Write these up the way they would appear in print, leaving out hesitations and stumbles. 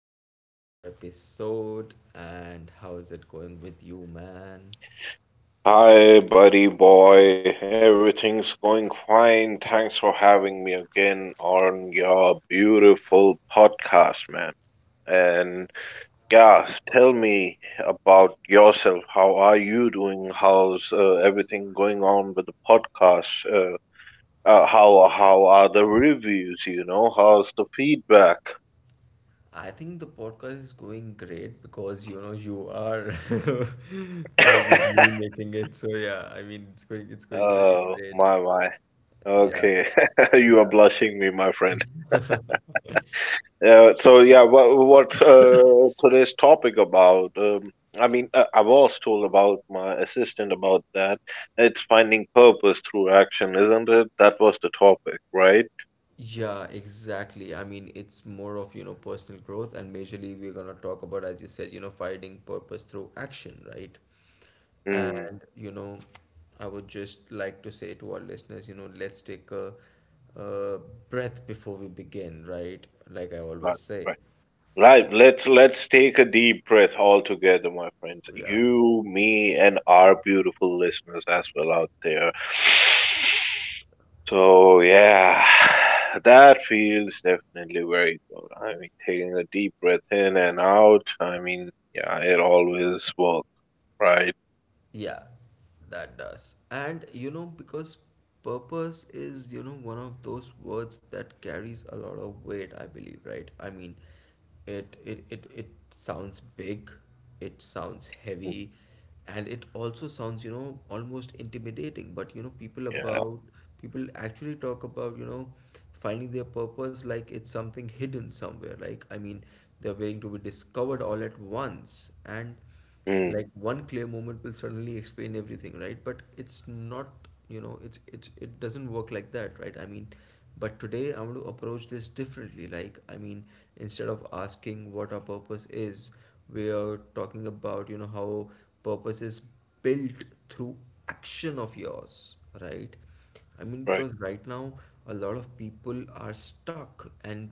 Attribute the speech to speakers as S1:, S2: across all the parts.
S1: back to another episode. And how is it going with you, man?
S2: Hi, buddy boy. Everything's going fine. Thanks for having me again on your beautiful podcast, man. And yeah, tell me about yourself. How are you doing? How's everything going on with the podcast? How are the reviews? You know, how's the feedback?
S1: I think the podcast is going great because you know you are oh, with me making it. So yeah, I mean it's going really
S2: Oh
S1: great.
S2: my my.
S1: Yeah.
S2: Okay, you are
S1: Yeah.
S2: blushing me, my friend. Yeah, so yeah, what's today's topic about? I mean, I was told about my assistant about that. It's finding purpose through action, isn't it? That was the topic, right?
S1: Yeah, exactly. I mean, it's more of, you know, personal growth, and majorly we're gonna talk about, as you said, you know, finding purpose through action, right?
S2: Mm,
S1: And, you know, I would just like to say to our listeners, you know, let's take a breath before we begin, right? Like I always
S2: right,
S1: say.
S2: right. Right. Let's take a deep breath all together, my friends.
S1: Yeah.
S2: You, me, and our beautiful listeners as well out there. So yeah, that feels definitely very good. I mean, taking a deep breath in and out. I mean, yeah, it always works, right?
S1: Yeah, that does. And you know, because purpose is, you know, one of those words that carries a lot of weight, I believe, right? I mean, it sounds big, it sounds heavy, and it also sounds, you know, almost intimidating. But you know,
S2: Yeah.
S1: people actually talk about, you know, finding their purpose like it's something hidden somewhere. Like, I mean, they're waiting to be discovered all at once. And
S2: Mm,
S1: like one clear moment will suddenly explain everything, right? But it's not, you know, it's it doesn't work like that, right? I mean, but today I want to approach this differently, like I mean, instead of asking what our purpose is, we are talking about, you know, how purpose is built through action of yours, right? I mean,
S2: right.
S1: because right now a lot of people are stuck and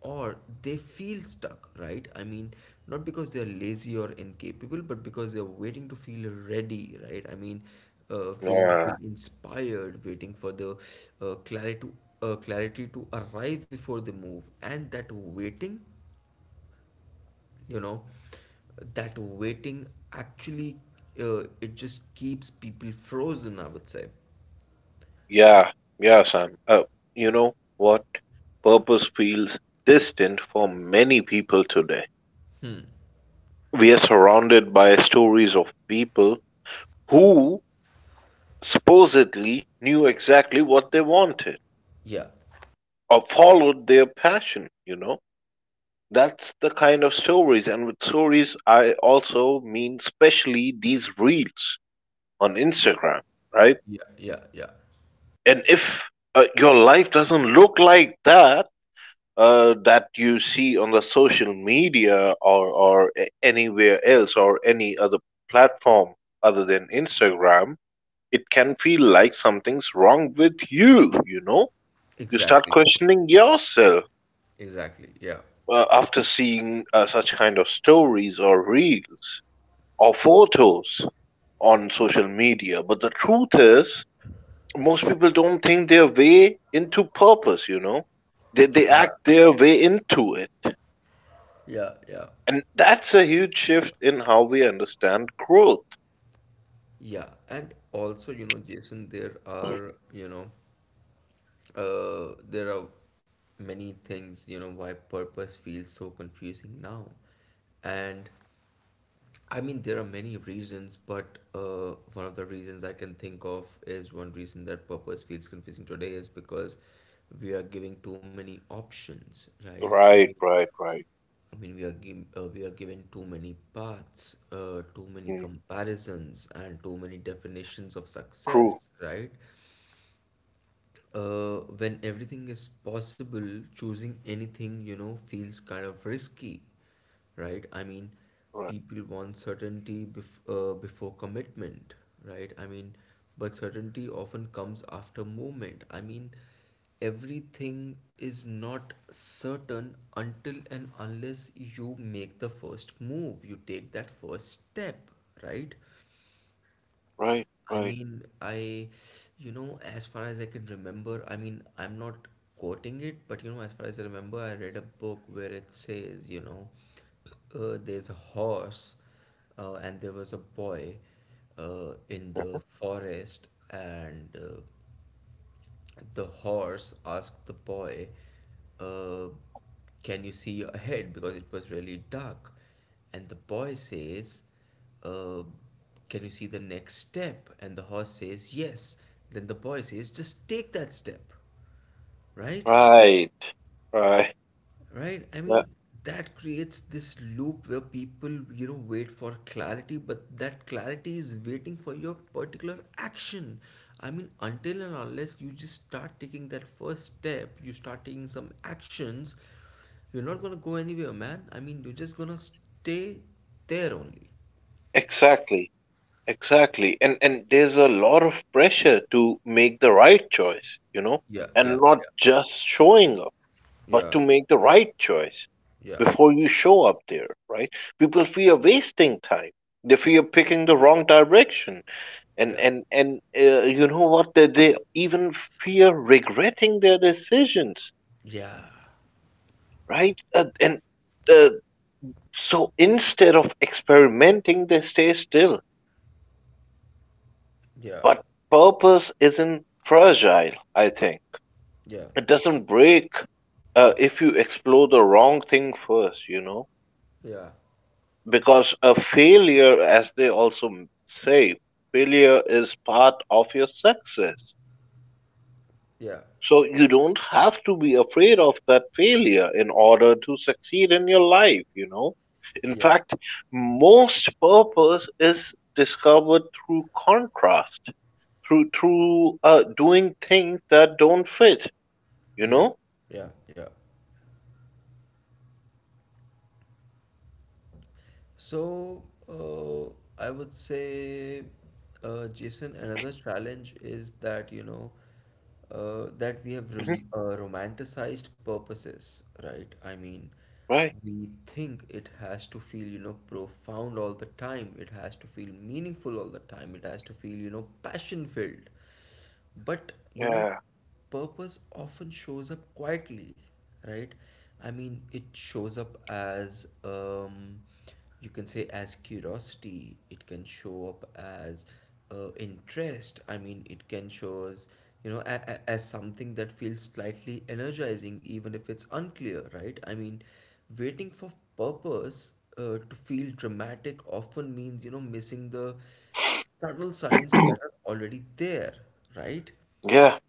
S1: or they feel stuck, right? I mean, not because they're lazy or incapable, but because they're waiting to feel ready, right? I mean, uh, feeling to
S2: Yeah.
S1: feel inspired, waiting for the uh, clarity to clarity to arrive before they move, and that waiting, you know, that waiting actually it just keeps people frozen, I would say.
S2: Yeah. Yeah, Sam. You know what? Purpose feels distant for many people today.
S1: Hmm.
S2: We are surrounded by stories of people who supposedly knew exactly what they wanted
S1: Yeah.
S2: or followed their passion, you know? That's the kind of stories, and with stories, I also mean especially these reels on Instagram, right?
S1: Yeah. Yeah. Yeah.
S2: And if your life doesn't look like that, that you see on the social media, or anywhere else or any other platform other than Instagram, it can feel like something's wrong with you, you know? You start
S1: Exactly.
S2: questioning yourself
S1: Exactly. Yeah.
S2: after seeing such kind of stories or reels, or photos on social media. But the truth is, most people don't think their way into purpose, you know? They
S1: Yeah.
S2: act their way into it.
S1: Yeah. Yeah.
S2: And that's a huge shift in how we understand growth.
S1: Yeah, and also, you know, Jason, there are, you know, there are many things, you know, why purpose feels so confusing now. And I mean, there are many reasons, but one of the reasons I can think of is one reason that purpose feels confusing today is because we are giving too many options, right?
S2: Right, right, right.
S1: I mean, we are given too many paths, too many
S2: Mm.
S1: comparisons, and too many definitions of success,
S2: True.
S1: right? Uh, when everything is possible, choosing anything, you know, feels kind of risky, right? I mean,
S2: Right,
S1: people want certainty before commitment, right? I mean, but certainty often comes after movement. I mean, everything is not certain until and unless you make the first move, you take that first step, right?
S2: right,
S1: I mean, you know, as far as I can remember, I mean, I'm not quoting it, but you know, as far as I remember, I read a book where it says, you know, there's a horse, and there was a boy, in
S2: right,
S1: the forest, and the horse asked the boy, uh, "Can you see ahead?" Because it was really dark. And the boy says, uh, "Can you see the next step?" And the horse says, "Yes." Then the boy says, "Just take that step," right?
S2: right, right.
S1: Right? I
S2: Uh,
S1: mean, that creates this loop where people, you know, wait for clarity, but that clarity is waiting for your particular action. I mean, until and unless you just start taking that first step, you start taking some actions, you're not gonna go anywhere, man. I mean, you're just gonna stay there only.
S2: Exactly, exactly. And there's a lot of pressure to make the right choice, you know,
S1: Yeah,
S2: and
S1: yeah,
S2: not just showing up, but
S1: yeah,
S2: to make the right choice
S1: yeah,
S2: before you show up there, right? People fear wasting time. They fear picking the wrong direction. and
S1: yeah,
S2: and and uh, you know what? They even fear regretting their decisions,
S1: yeah,
S2: right? And uh, so instead of experimenting, they stay still.
S1: yeah,
S2: But purpose isn't fragile. I think
S1: yeah,
S2: it doesn't break if you explore the wrong thing first. You know,
S1: yeah,
S2: because a failure, as they also say, failure is part of your success,
S1: yeah, yeah, yeah,
S2: so you don't have to be afraid of that failure in order to succeed in your life. In
S1: yeah,
S2: fact, most purpose is discovered through contrast, through doing things that don't fit, you
S1: yeah,
S2: know.
S1: yeah. Yeah. So, uh, I would say, Jason, another challenge is that, you know, that we have
S2: Hmm.
S1: romanticized purposes, right? I mean,
S2: Right.
S1: we think it has to feel, you know, profound all the time. It has to feel meaningful all the time. It has to feel, you know, passion filled. But you know,
S2: Yeah.
S1: purpose often shows up quietly, right? I mean, it shows up as, you can say, as curiosity. It can show up as interest. I mean, it can show as, you know, as something that feels slightly energizing, even if it's unclear, right? I mean, waiting for purpose to feel dramatic often means, you know, missing the subtle signs that are already there, right?
S2: Yeah.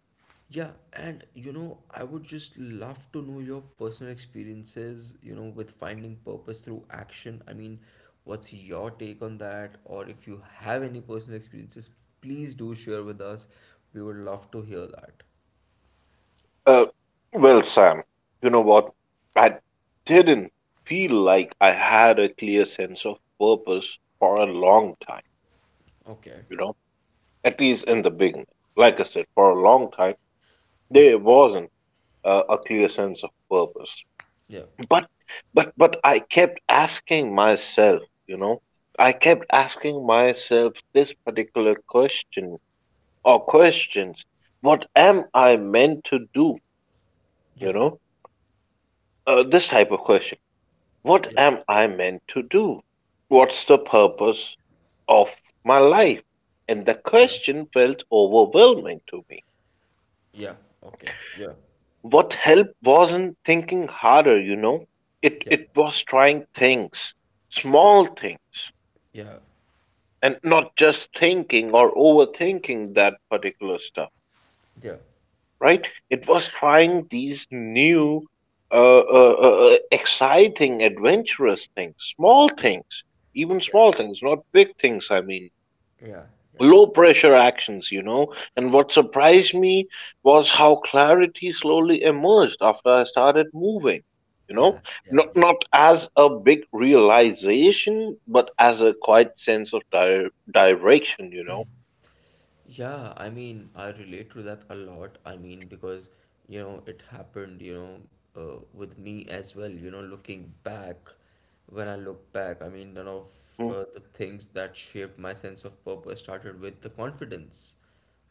S1: Yeah, and you know, I would just love to know your personal experiences, you know, with finding purpose through action. I mean, what's your take on that? Or if you have any personal experiences, please do share with us. We would love to hear that.
S2: Uh, well, Sam, you know what? I didn't feel like I had a clear sense of purpose for a long time,
S1: Okay.
S2: you know, at least in the beginning. Like I said, for a long time,
S1: Yeah.
S2: there wasn't a clear sense of purpose.
S1: Yeah.
S2: But, but I kept asking myself, you know, I kept asking myself this particular question or questions. What am I meant to do?
S1: Yeah.
S2: You know, this type of question: What
S1: Yeah.
S2: am I meant to do? What's the purpose of my life? And the
S1: Yeah.
S2: question felt overwhelming to me.
S1: Yeah. Okay. Yeah.
S2: What helped wasn't thinking harder, you know. It
S1: Yeah.
S2: it was trying things, small things,
S1: Yeah.
S2: and not just thinking or overthinking that particular stuff,
S1: Yeah.
S2: right? It was trying these new, exciting, adventurous things, small things, even
S1: Yeah.
S2: small things, not big things. I mean,
S1: Yeah. Yeah.
S2: low pressure actions, you know. And what surprised me was how clarity slowly emerged after I started moving, you
S1: Yeah.
S2: know,
S1: Yeah.
S2: not,
S1: Yeah.
S2: not as a big realization, but as a quiet sense of direction, you know.
S1: Yeah, I mean, I relate to that a lot. I mean, because, you know, it happened, you know, with me as well, you know, looking back, when I look back, I mean, none of
S2: Mm,
S1: the things that shaped my sense of purpose started with the confidence,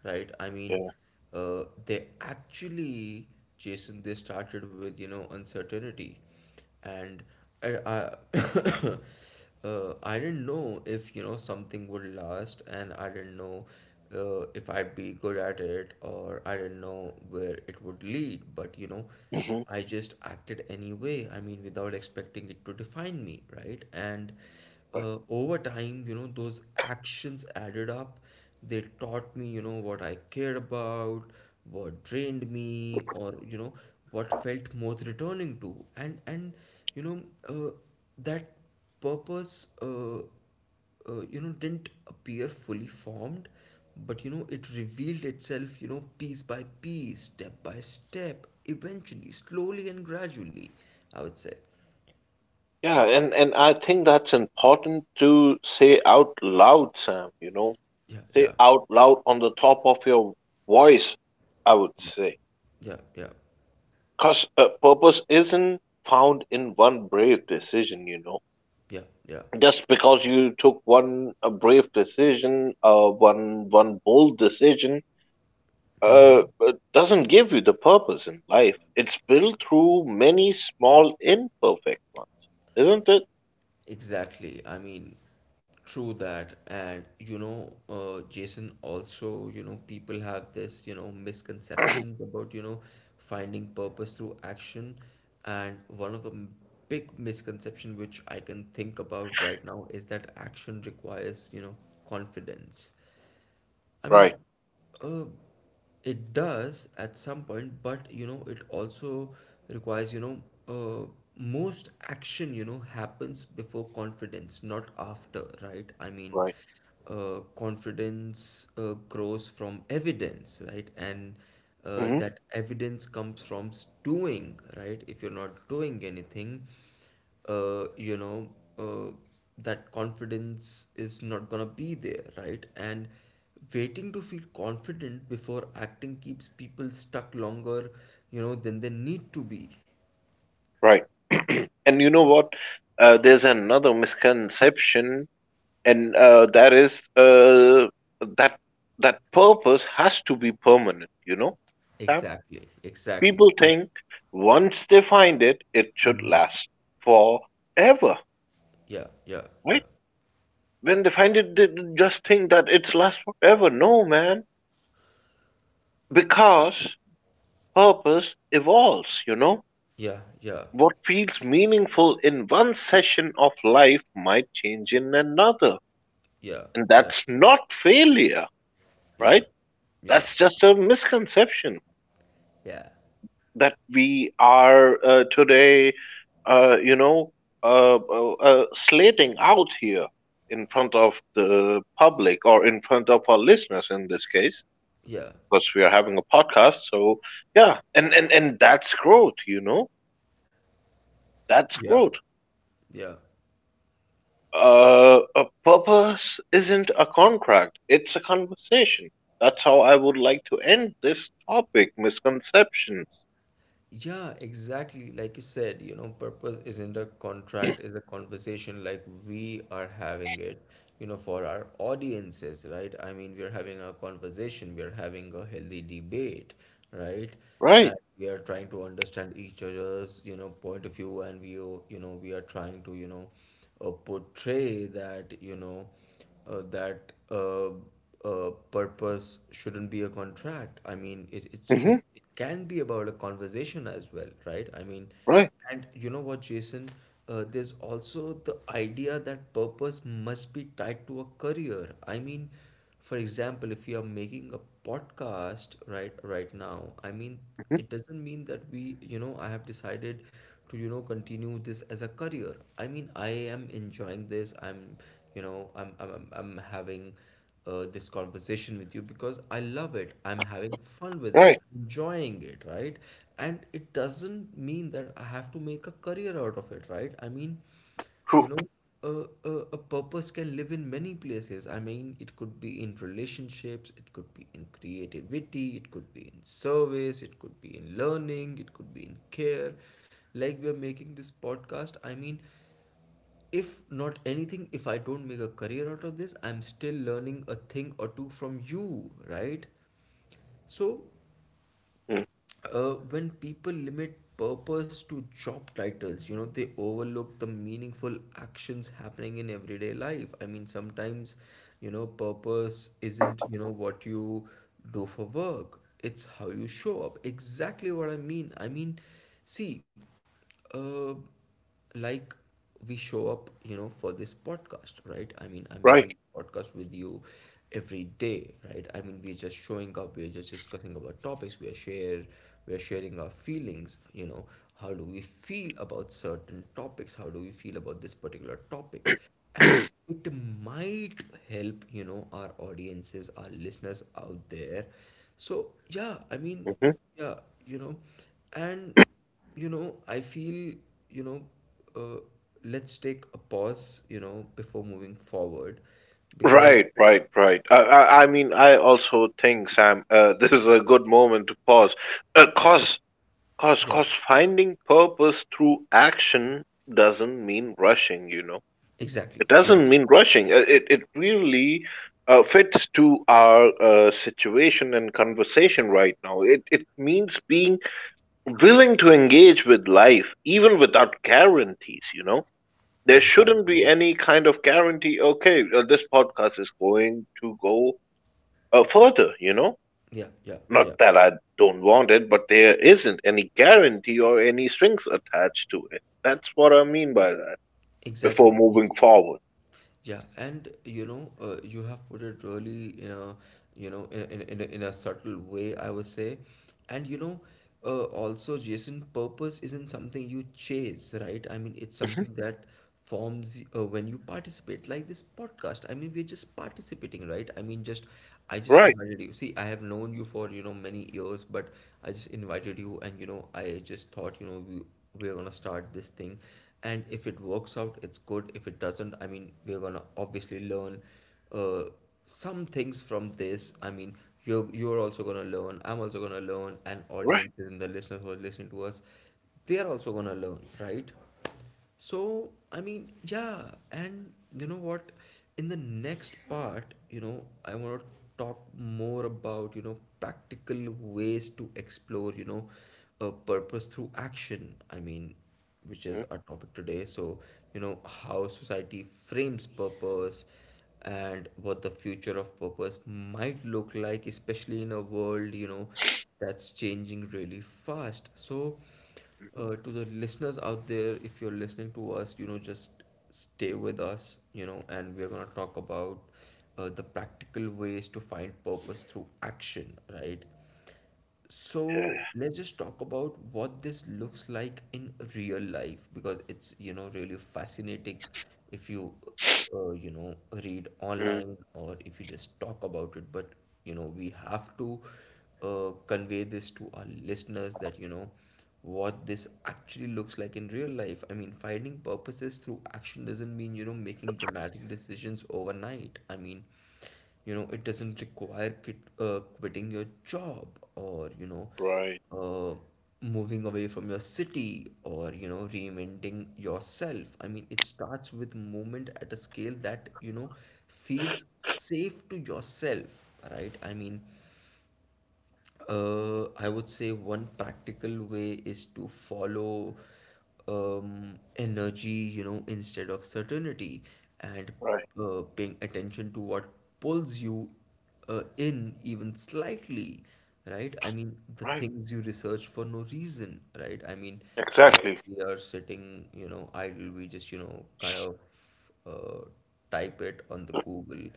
S1: right? I mean,
S2: yeah.
S1: they actually, Jason, they started with, you know, uncertainty, and I I didn't know if you know something would last, and I didn't know if I'd be good at it, or I didn't know where it would lead. But you know,
S2: Hmm.
S1: I just acted anyway. I mean, without expecting it to define me, right? And
S2: Right.
S1: over time, you know, those actions added up. They taught me, you know, what I cared about, what drained me, or you know, what felt worth returning to. And you know, uh, that purpose, you know, didn't appear fully formed, but you know, it revealed itself, you know, piece by piece, step by step, eventually, slowly and gradually, I would say.
S2: Yeah, and I think that's important to say out loud, Sam, you know,
S1: Yeah,
S2: say
S1: yeah,
S2: out loud on the top of your voice, I would
S1: yeah,
S2: say.
S1: yeah, yeah,
S2: Because purpose isn't found in one brave decision, you know.
S1: yeah, yeah.
S2: Just because you took one brave decision, one bold decision,
S1: Mm-hmm.
S2: it doesn't give you the purpose in life. It's built through many small, imperfect ones, isn't it?
S1: Exactly. I mean, true that. And you know, Jason, also, you know, people have this, you know, misconceptions about, you know, finding purpose through action. And one of the big misconception which I can think about right now is that action requires, you know, confidence. I mean,
S2: Right,
S1: uh, it does at some point, but you know, it also requires, you know, uh, most action, you know, happens before confidence, not after, right? I mean,
S2: right.
S1: confidence grows from evidence, right? And
S2: Hmm.
S1: that evidence comes from doing, right? If you're not doing anything, you know, uh, that confidence is not gonna be there, right? And waiting to feel confident before acting keeps people stuck longer, you know, than they need to be.
S2: Right. And you know what? There's another misconception, and there is, that that purpose has to be permanent, you know, Sam?
S1: Exactly,
S2: People
S1: exactly.
S2: think
S1: Yes.
S2: once they find it, it should last forever,
S1: Yeah, yeah, yeah.
S2: right? When they find it, they just think that it's last forever. No, man. Because purpose evolves, you know,
S1: Yeah, yeah,
S2: what feels meaningful in one session of life might change in another,
S1: yeah,
S2: and that's not failure,
S1: yeah,
S2: right?
S1: yeah,
S2: That's just a misconception
S1: yeah, yeah,
S2: that we are, today, uh, you know, slating out here in front of the public or in front of our listeners in this case,
S1: yeah,
S2: because we are having a podcast. So yeah, and and that's growth, you know, that's
S1: yeah,
S2: growth.
S1: yeah.
S2: A purpose isn't a contract; it's a conversation. That's how I would like to end this topic: misconceptions.
S1: Yeah, exactly. Like you said, you know, purpose isn't a contract, is a conversation like we are having it, you know, for our audiences, right? I mean, we're having a conversation, we're having a healthy debate, right?
S2: Right.
S1: And we are trying to understand each other's, you know, point of view, and we, you know, we are trying to, you know, portray that, you know, that purpose shouldn't be a contract. I mean, it, it
S2: Hmm.
S1: it it can be about a conversation as well, right? I mean,
S2: Right.
S1: and you know what, Jason? There's also the idea that purpose must be tied to a career. I mean, for example, if you are making a podcast right now, I mean,
S2: Hmm.
S1: it doesn't mean that we, you know, I have decided to, you know, continue this as a career. I mean, I am enjoying this, I'm having this conversation with you because I love it, I'm having fun with it,
S2: Right.
S1: I'm enjoying it, right? And it doesn't mean that I have to make a career out of it, right? I mean, you
S2: True.
S1: know, a purpose can live in many places. I mean, it could be in relationships, it could be in creativity, it could be in service, it could be in learning, it could be in care. Like we are making this podcast, I mean, if not anything, if I don't make a career out of this, I'm still learning a thing or two from you, right? So
S2: Mm,
S1: when people limit purpose to job titles, you know, they overlook the meaningful actions happening in everyday life. I mean, sometimes, you know, purpose isn't, you know, what you do for work, it's how you show up. Exactly what I mean. I mean, see, uh, like we show up, you know, for this podcast, right? I mean, I'm making
S2: right.
S1: podcast with you every day, right? I mean, we're just showing up, we're just discussing about topics, we are share we are sharing our feelings, you know, how do we feel about certain topics, how do we feel about this particular topic, and it might help, you know, our audiences, our listeners out there. So yeah, I mean,
S2: Mhm.
S1: yeah, you know, and you know, I feel, you know, uh, let's take a pause, you know, before moving forward because
S2: Right, right, right. I mean, I also think, Sam, this is a good moment to pause. Uh, cause, cause,
S1: yeah,
S2: cause, finding purpose through action doesn't mean rushing. You know,
S1: exactly,
S2: it doesn't
S1: yes,
S2: mean rushing. It really fits to our situation and conversation right now. It means being willing to engage with life, even without guarantees. You know, there shouldn't be
S1: exactly,
S2: any kind of guarantee. Okay, this podcast is going to go further, you know,
S1: yeah, yeah,
S2: not
S1: yeah,
S2: that I don't want it, but there isn't any guarantee or any strings attached to it. That's what I mean by that, before
S1: exactly.
S2: moving forward.
S1: Yeah, and you know, you have put it really in a, you know, in a, in a subtle way, I would say, and you know, also, Jason, purpose isn't something you chase, right? I mean, it's
S2: Hmm.
S1: something that forms when you participate, like this podcast. I mean, we're just participating, right? I mean, just I just
S2: Right.
S1: invited you. See, I have known you for, you know, many years, but I just invited you and, you know, I just thought, you know, we're gonna start this thing. And if it works out, it's good. If it doesn't, I mean, we're gonna obviously learn uh, some things from this. I mean, you're also gonna learn. I'm also gonna learn. And
S2: Right.
S1: audiences and the listeners who are listening to us, they're also gonna learn, right? So, I mean, yeah, and you know what? In the next part, you know, I want to talk more about, you know, practical ways to explore, you know, a purpose through action. I mean, which
S2: Hmm.
S1: is our topic today. So, you know, how society frames purpose and what the future of purpose might look like, especially in a world, you know, that's changing really fast. So,
S2: Hmm.
S1: to the listeners out there, if you're listening to us, you know, just stay with us, you know, and we're going to talk about the practical ways to find purpose through action, right?
S2: Yeah.
S1: So let's just talk about what this looks like in real life because it's, you know, really fascinating if you, you know, read
S2: Mm,
S1: online or if you just talk about it. But, you know, we have to convey this to our listeners that, you know, what this actually looks like in real life. I mean, finding purposes through action doesn't mean, you know, making dramatic decisions overnight. I mean, you know, it doesn't require quitting your job or, you know,
S2: right.
S1: uh, moving away from your city or, you know, reinventing yourself. I mean, it starts with movement at a scale that, you know, feels safe to yourself, right? I mean, I would say one practical way is to follow energy, you know, instead of certainty, and
S2: Right.
S1: paying attention to what pulls you in even slightly, right? I mean, the
S2: Right.
S1: things you research for no reason, right? I mean, whenever
S2: Exactly.
S1: we are sitting, you know, idle, we just, you know, kind of uh, type it on the Google,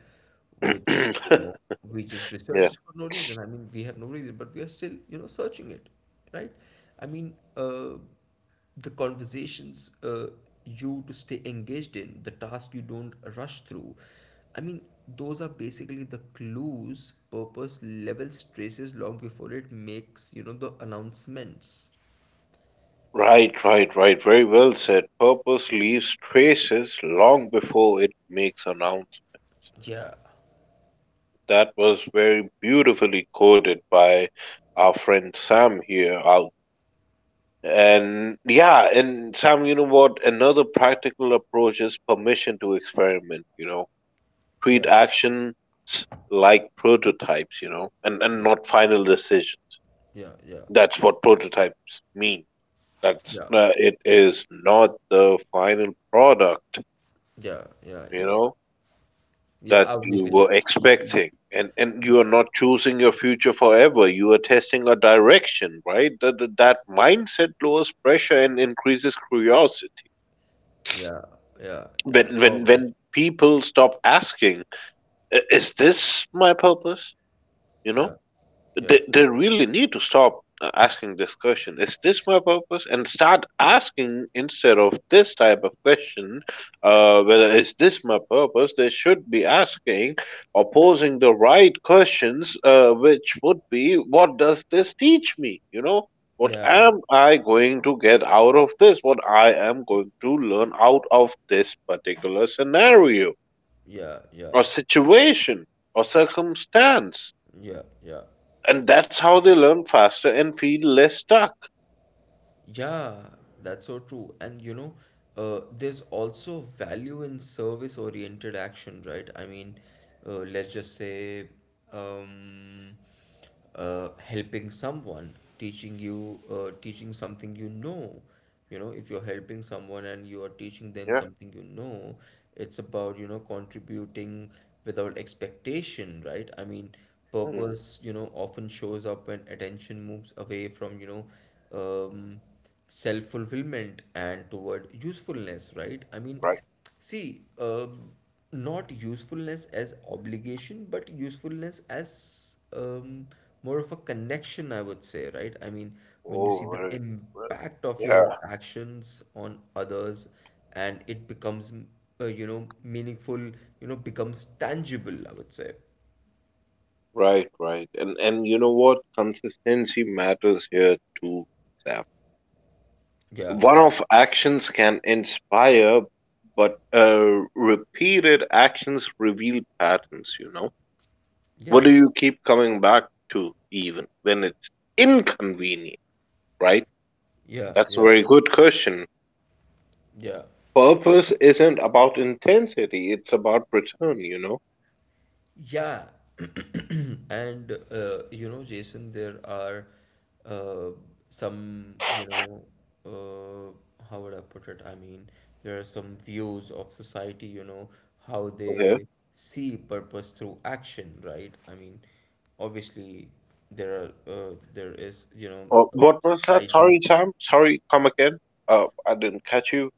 S1: which, you
S2: Yeah.
S1: know, we just research for no reason. I mean, we have no reason, but we are still, you know, searching it, right? I mean, the conversations you to stay engaged in, the task you don't rush through. I mean, those are basically the clues purpose levels traces long before it makes, you know, the announcements.
S2: Right, right, right, very well said. Purpose leaves traces long before it makes announcements.
S1: Yeah,
S2: That was very beautifully quoted by our friend Sam here out. And yeah, and Sam, you know what? Another practical approach is permission to experiment, you know. Treat
S1: yeah,
S2: actions like prototypes, you know, and
S1: yeah,
S2: not final decisions.
S1: yeah, yeah,
S2: That's what prototypes mean. That's, it is not the final product,
S1: yeah, yeah,
S2: you
S1: yeah.
S2: know,
S1: Yeah,
S2: that you
S1: obviously.
S2: were
S1: you- you-
S2: expecting, and
S1: Yeah,
S2: you are not choosing your future forever, you are testing a direction, right? That mindset lowers pressure and increases curiosity.
S1: yeah, yeah, yeah.
S2: when when
S1: Oh,
S2: when people stop asking, "Is this my purpose," you know,
S1: yeah, yeah,
S2: they really need to stop asking this question, is this my purpose, and start asking, instead of this type of question, whether is this my purpose they should be asking, or posing the right questions, which would be, what does this teach me, you know, what
S1: yeah, yeah,
S2: am I going to get out of this, what I am going to learn out of this particular scenario
S1: yeah, yeah,
S2: or situation or circumstance,
S1: yeah, yeah.
S2: and that's how they learn faster and feel less stuck.
S1: Yeah, that's so true. And you know, there's also value in service-oriented action, right? I mean, let's just say, um, helping someone, teaching something, you know, you know, if you're helping someone and you are teaching them
S2: Yeah.
S1: something, you know, it's about, you know, contributing without expectation, right? I mean,
S2: Hmm.
S1: purpose, you know, often shows up when attention moves away from, you know, um, self-fulfillment and toward usefulness, right? I mean,
S2: Right.
S1: see, not usefulness as obligation, but usefulness as, more of a connection, I would say, right? I mean, when you see
S2: Oh,
S1: the
S2: very well.
S1: impact of
S2: Yeah.
S1: your actions on others and it becomes, you know, meaningful, you know, becomes tangible, I would say.
S2: Right. Right. And you know what? Consistency matters here too, Sam.
S1: Yeah, yeah,
S2: One-off actions can inspire, but repeated actions reveal patterns. You know.
S1: yeah,
S2: What do you keep coming back to, even when it's inconvenient? Right.
S1: yeah,
S2: That's a
S1: yeah,
S2: very good question.
S1: yeah.
S2: Purpose isn't about intensity, it's about return, you know?
S1: Yeah, and you know, Jason, there are uh, some, you know, how would I put it? I mean, there are some views of society, you know, how
S2: Okay.
S1: they see purpose through action, right? I mean, obviously, there is, you know,
S2: Well,
S1: a
S2: what was that? Sorry,
S1: society.
S2: Sam. Sorry, come again. I didn't catch you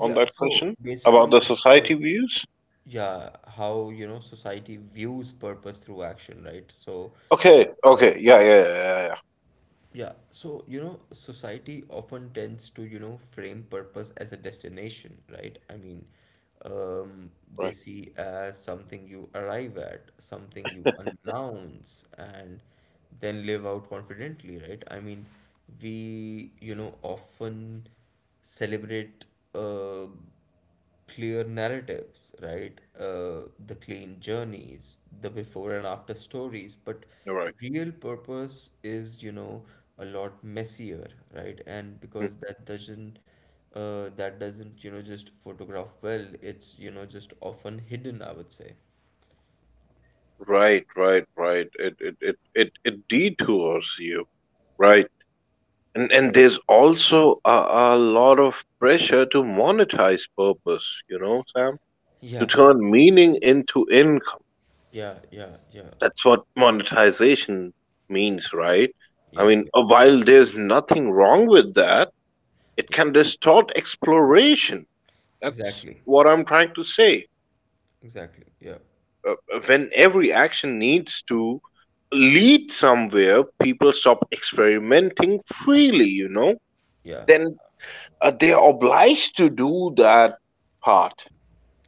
S2: on that
S1: so
S2: question about
S1: basically,
S2: the
S1: it's about,
S2: society views.
S1: yeah, how, you know, society views purpose through action, right? So,
S2: Okay,
S1: uh,
S2: okay. Yeah, yeah, yeah, yeah. Yeah.
S1: yeah, so you know, society often tends to, you know, frame purpose as a destination, right? I mean, um, they
S2: Right.
S1: see as something you arrive at, something you announce, and then live out confidently, right? I mean, we, you know, often celebrate uh, clear narratives, right? The clean journeys, the before and after stories. But
S2: You're right.
S1: real purpose is, you know, a lot messier, right? And
S2: Hmm.
S1: because that doesn't, you know, just photograph well. It's, you know, just often hidden, I would say.
S2: Right, right, right. It detours you. Right. And there's also a lot of pressure to monetize purpose, you know, Sam? To
S1: Yeah, yeah,
S2: turn meaning into income.
S1: yeah, yeah, yeah,
S2: That's what monetization means, right? I
S1: yeah,
S2: mean,
S1: yeah.
S2: while there's nothing wrong with that, it can distort exploration. That's
S1: Exactly.
S2: what I'm trying to say.
S1: Exactly. Yeah.
S2: When every action needs to lead somewhere, people stop experimenting freely, you know?
S1: Yeah.
S2: Then they are obliged to do that part,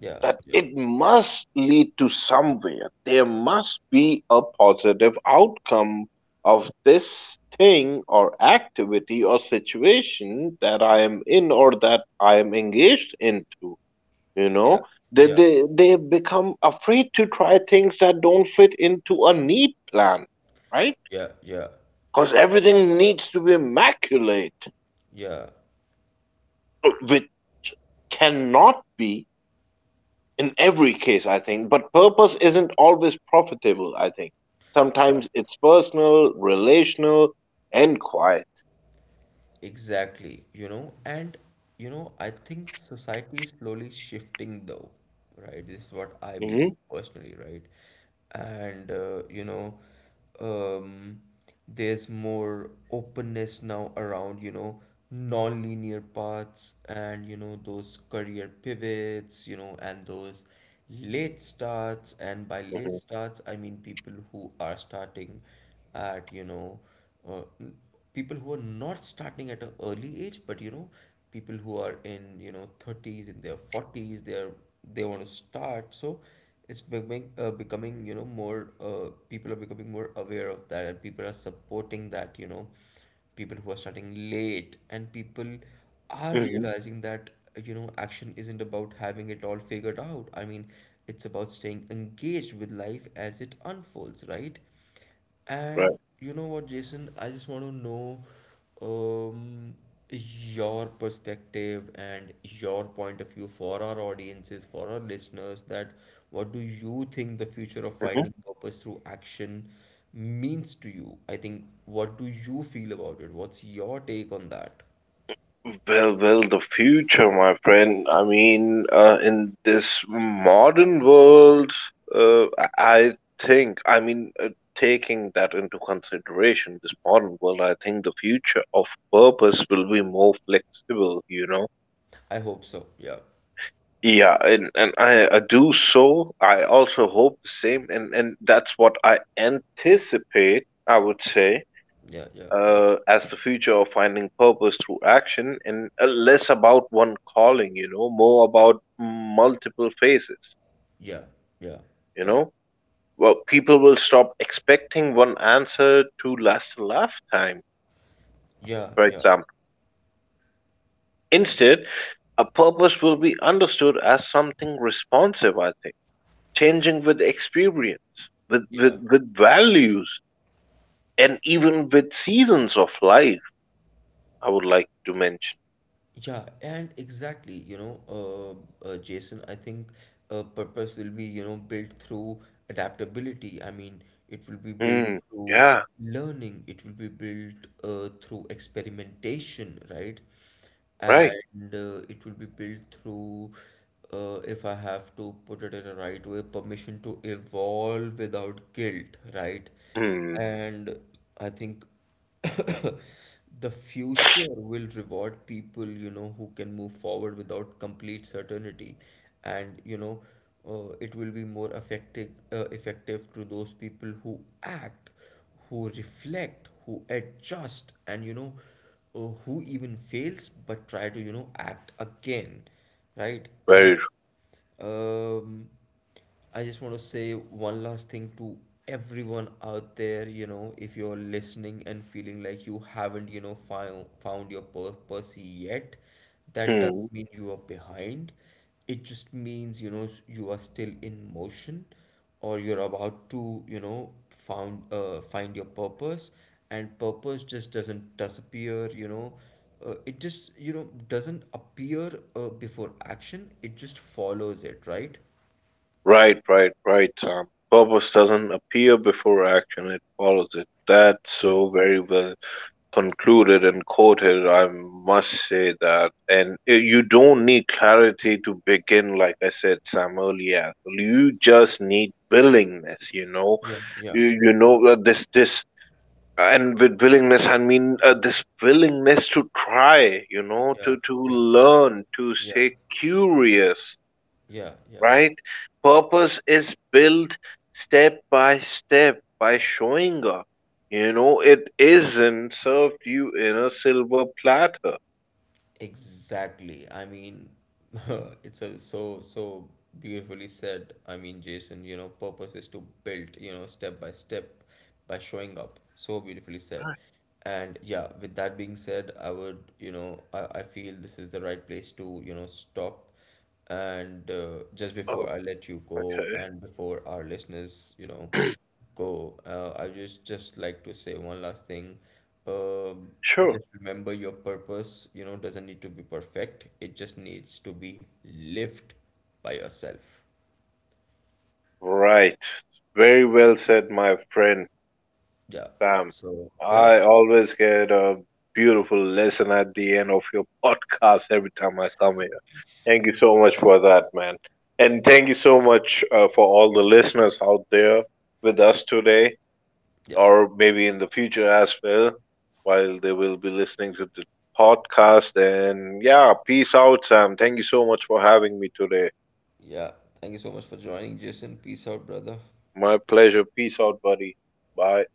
S1: Yeah.
S2: that
S1: Yeah.
S2: it must lead to somewhere. There must be a positive outcome of this thing or activity or situation that I am in or that I am engaged into. You
S1: Yeah.
S2: know, they,
S1: Yeah.
S2: they, they become afraid to try things that don't fit into a neat plan, right?
S1: Yeah. Yeah.
S2: Because everything needs to be immaculate,
S1: Yeah.
S2: which cannot be in every case, I think. But purpose isn't always profitable, I think.
S1: Yeah.
S2: Sometimes it's personal, relational, and quiet.
S1: Exactly, you know, and you know, I think society is slowly shifting though, right? This is what I believe
S2: Hmm.
S1: personally, right? And you know, um, there's more openness now around, you know, non-linear paths and, you know, those career pivots, you know, and those late starts. And by late
S2: Hmm.
S1: starts, I mean people who are starting at, you know, uh, people who are not starting at an early age, but, you know, people who are in, you know, 30s, in their 40s, they want to start. So it's becoming, you know, more people are becoming more aware of that, and people are supporting that. You know, people who are starting late, and people are
S2: Hmm.
S1: realizing that, you know, action isn't about having it all figured out. I mean, it's about staying engaged with life as it unfolds, right? And
S2: Right.
S1: you know what, Jason? I just want to know, um, your perspective and your point of view for our audiences, for our listeners, that what do you think the future of
S2: Hmm.
S1: finding purpose through action means to you? I think, what do you feel about it? What's your take on that?
S2: Well, the future, my friend. I mean, in this modern world, uh, I I think, I mean, taking that into consideration, this modern world, I think the future of purpose will be more flexible, you know?
S1: I hope so. Yeah,
S2: Yeah, and I do so. I also hope the same, and that's what I anticipate, I would say,
S1: yeah, yeah, yeah,
S2: as the future of finding purpose through action, and less about one calling, you know, more about multiple phases,
S1: yeah, yeah,
S2: you
S1: yeah,
S2: know. Well, people will stop expecting one answer to last a lifetime,
S1: yeah,
S2: for
S1: yeah.
S2: example. Instead, a purpose will be understood as something responsive, I think, changing with experience, with, with values, and even with seasons of life, I would like to mention.
S1: Yeah, and exactly, you know, Jason, I think purpose will be, you know, built through adaptability. I mean, it will be built
S2: Hmm.
S1: through
S2: Yeah,
S1: learning, it will be built through experimentation, right?
S2: right.
S1: And it will be built through, if I have to put it in a right way, permission to evolve without guilt, right?
S2: Hmm.
S1: And I think the future will reward people, you know, who can move forward without complete certainty, and you know, it will be more effective to those people who act, who reflect, who adjust, and you know, who even fails but try to, you know, act again, right? And
S2: Very.
S1: um, I just want to say one last thing to everyone out there. You know, if you're listening and feeling like you haven't, you know, found your purpose yet, that
S2: Hmm.
S1: doesn't mean you are behind. It just means, you know, you are still in motion or you're about to, you know, found find your purpose, and purpose just doesn't disappear, you know, it just, you know, doesn't appear before action, it just follows it, right?
S2: Right, right, right, Sam. Purpose doesn't appear before action, it follows it. That's
S1: Yeah,
S2: so very well concluded and quoted, I must say that. And you don't need clarity to begin, like I said, Sam, earlier. You just need willingness, you know.
S1: yeah, yeah,
S2: You, you know, uh, this, this, and with willingness, I mean, this willingness to try, you know, to,
S1: yeah,
S2: to
S1: yeah,
S2: learn, to
S1: yeah,
S2: stay curious,
S1: yeah, yeah.
S2: right? Purpose is built step by step by showing up. You know, it isn't served you in a silver platter.
S1: Exactly. I mean, it's a so beautifully said. I mean, Jason, you know, purpose is to build, you know, step by step by showing up. So beautifully said. And yeah, with that being said, I would, you know, I feel this is the right place to, you know, stop. And just before
S2: Oh,
S1: I let you go,
S2: okay.
S1: and before our listeners, you know, go. I just like to say one last thing. Um,
S2: Sure.
S1: just remember your purpose, you know, doesn't need to be perfect. It just needs to be lived by yourself.
S2: Right. Very well said, my friend
S1: Yeah.
S2: Sam.
S1: So yeah,
S2: I always get a beautiful lesson at the end of your podcast every time I come here. Thank you so much for that, man. And thank you so much for all the listeners out there with us today,
S1: yeah,
S2: or maybe in the future as well, while they will be listening to the podcast. And yeah, peace out, Sam. Thank you so much for having me today.
S1: yeah. Thank you so much for joining, Jason. Peace out, brother.
S2: My pleasure. Peace out, buddy. Bye.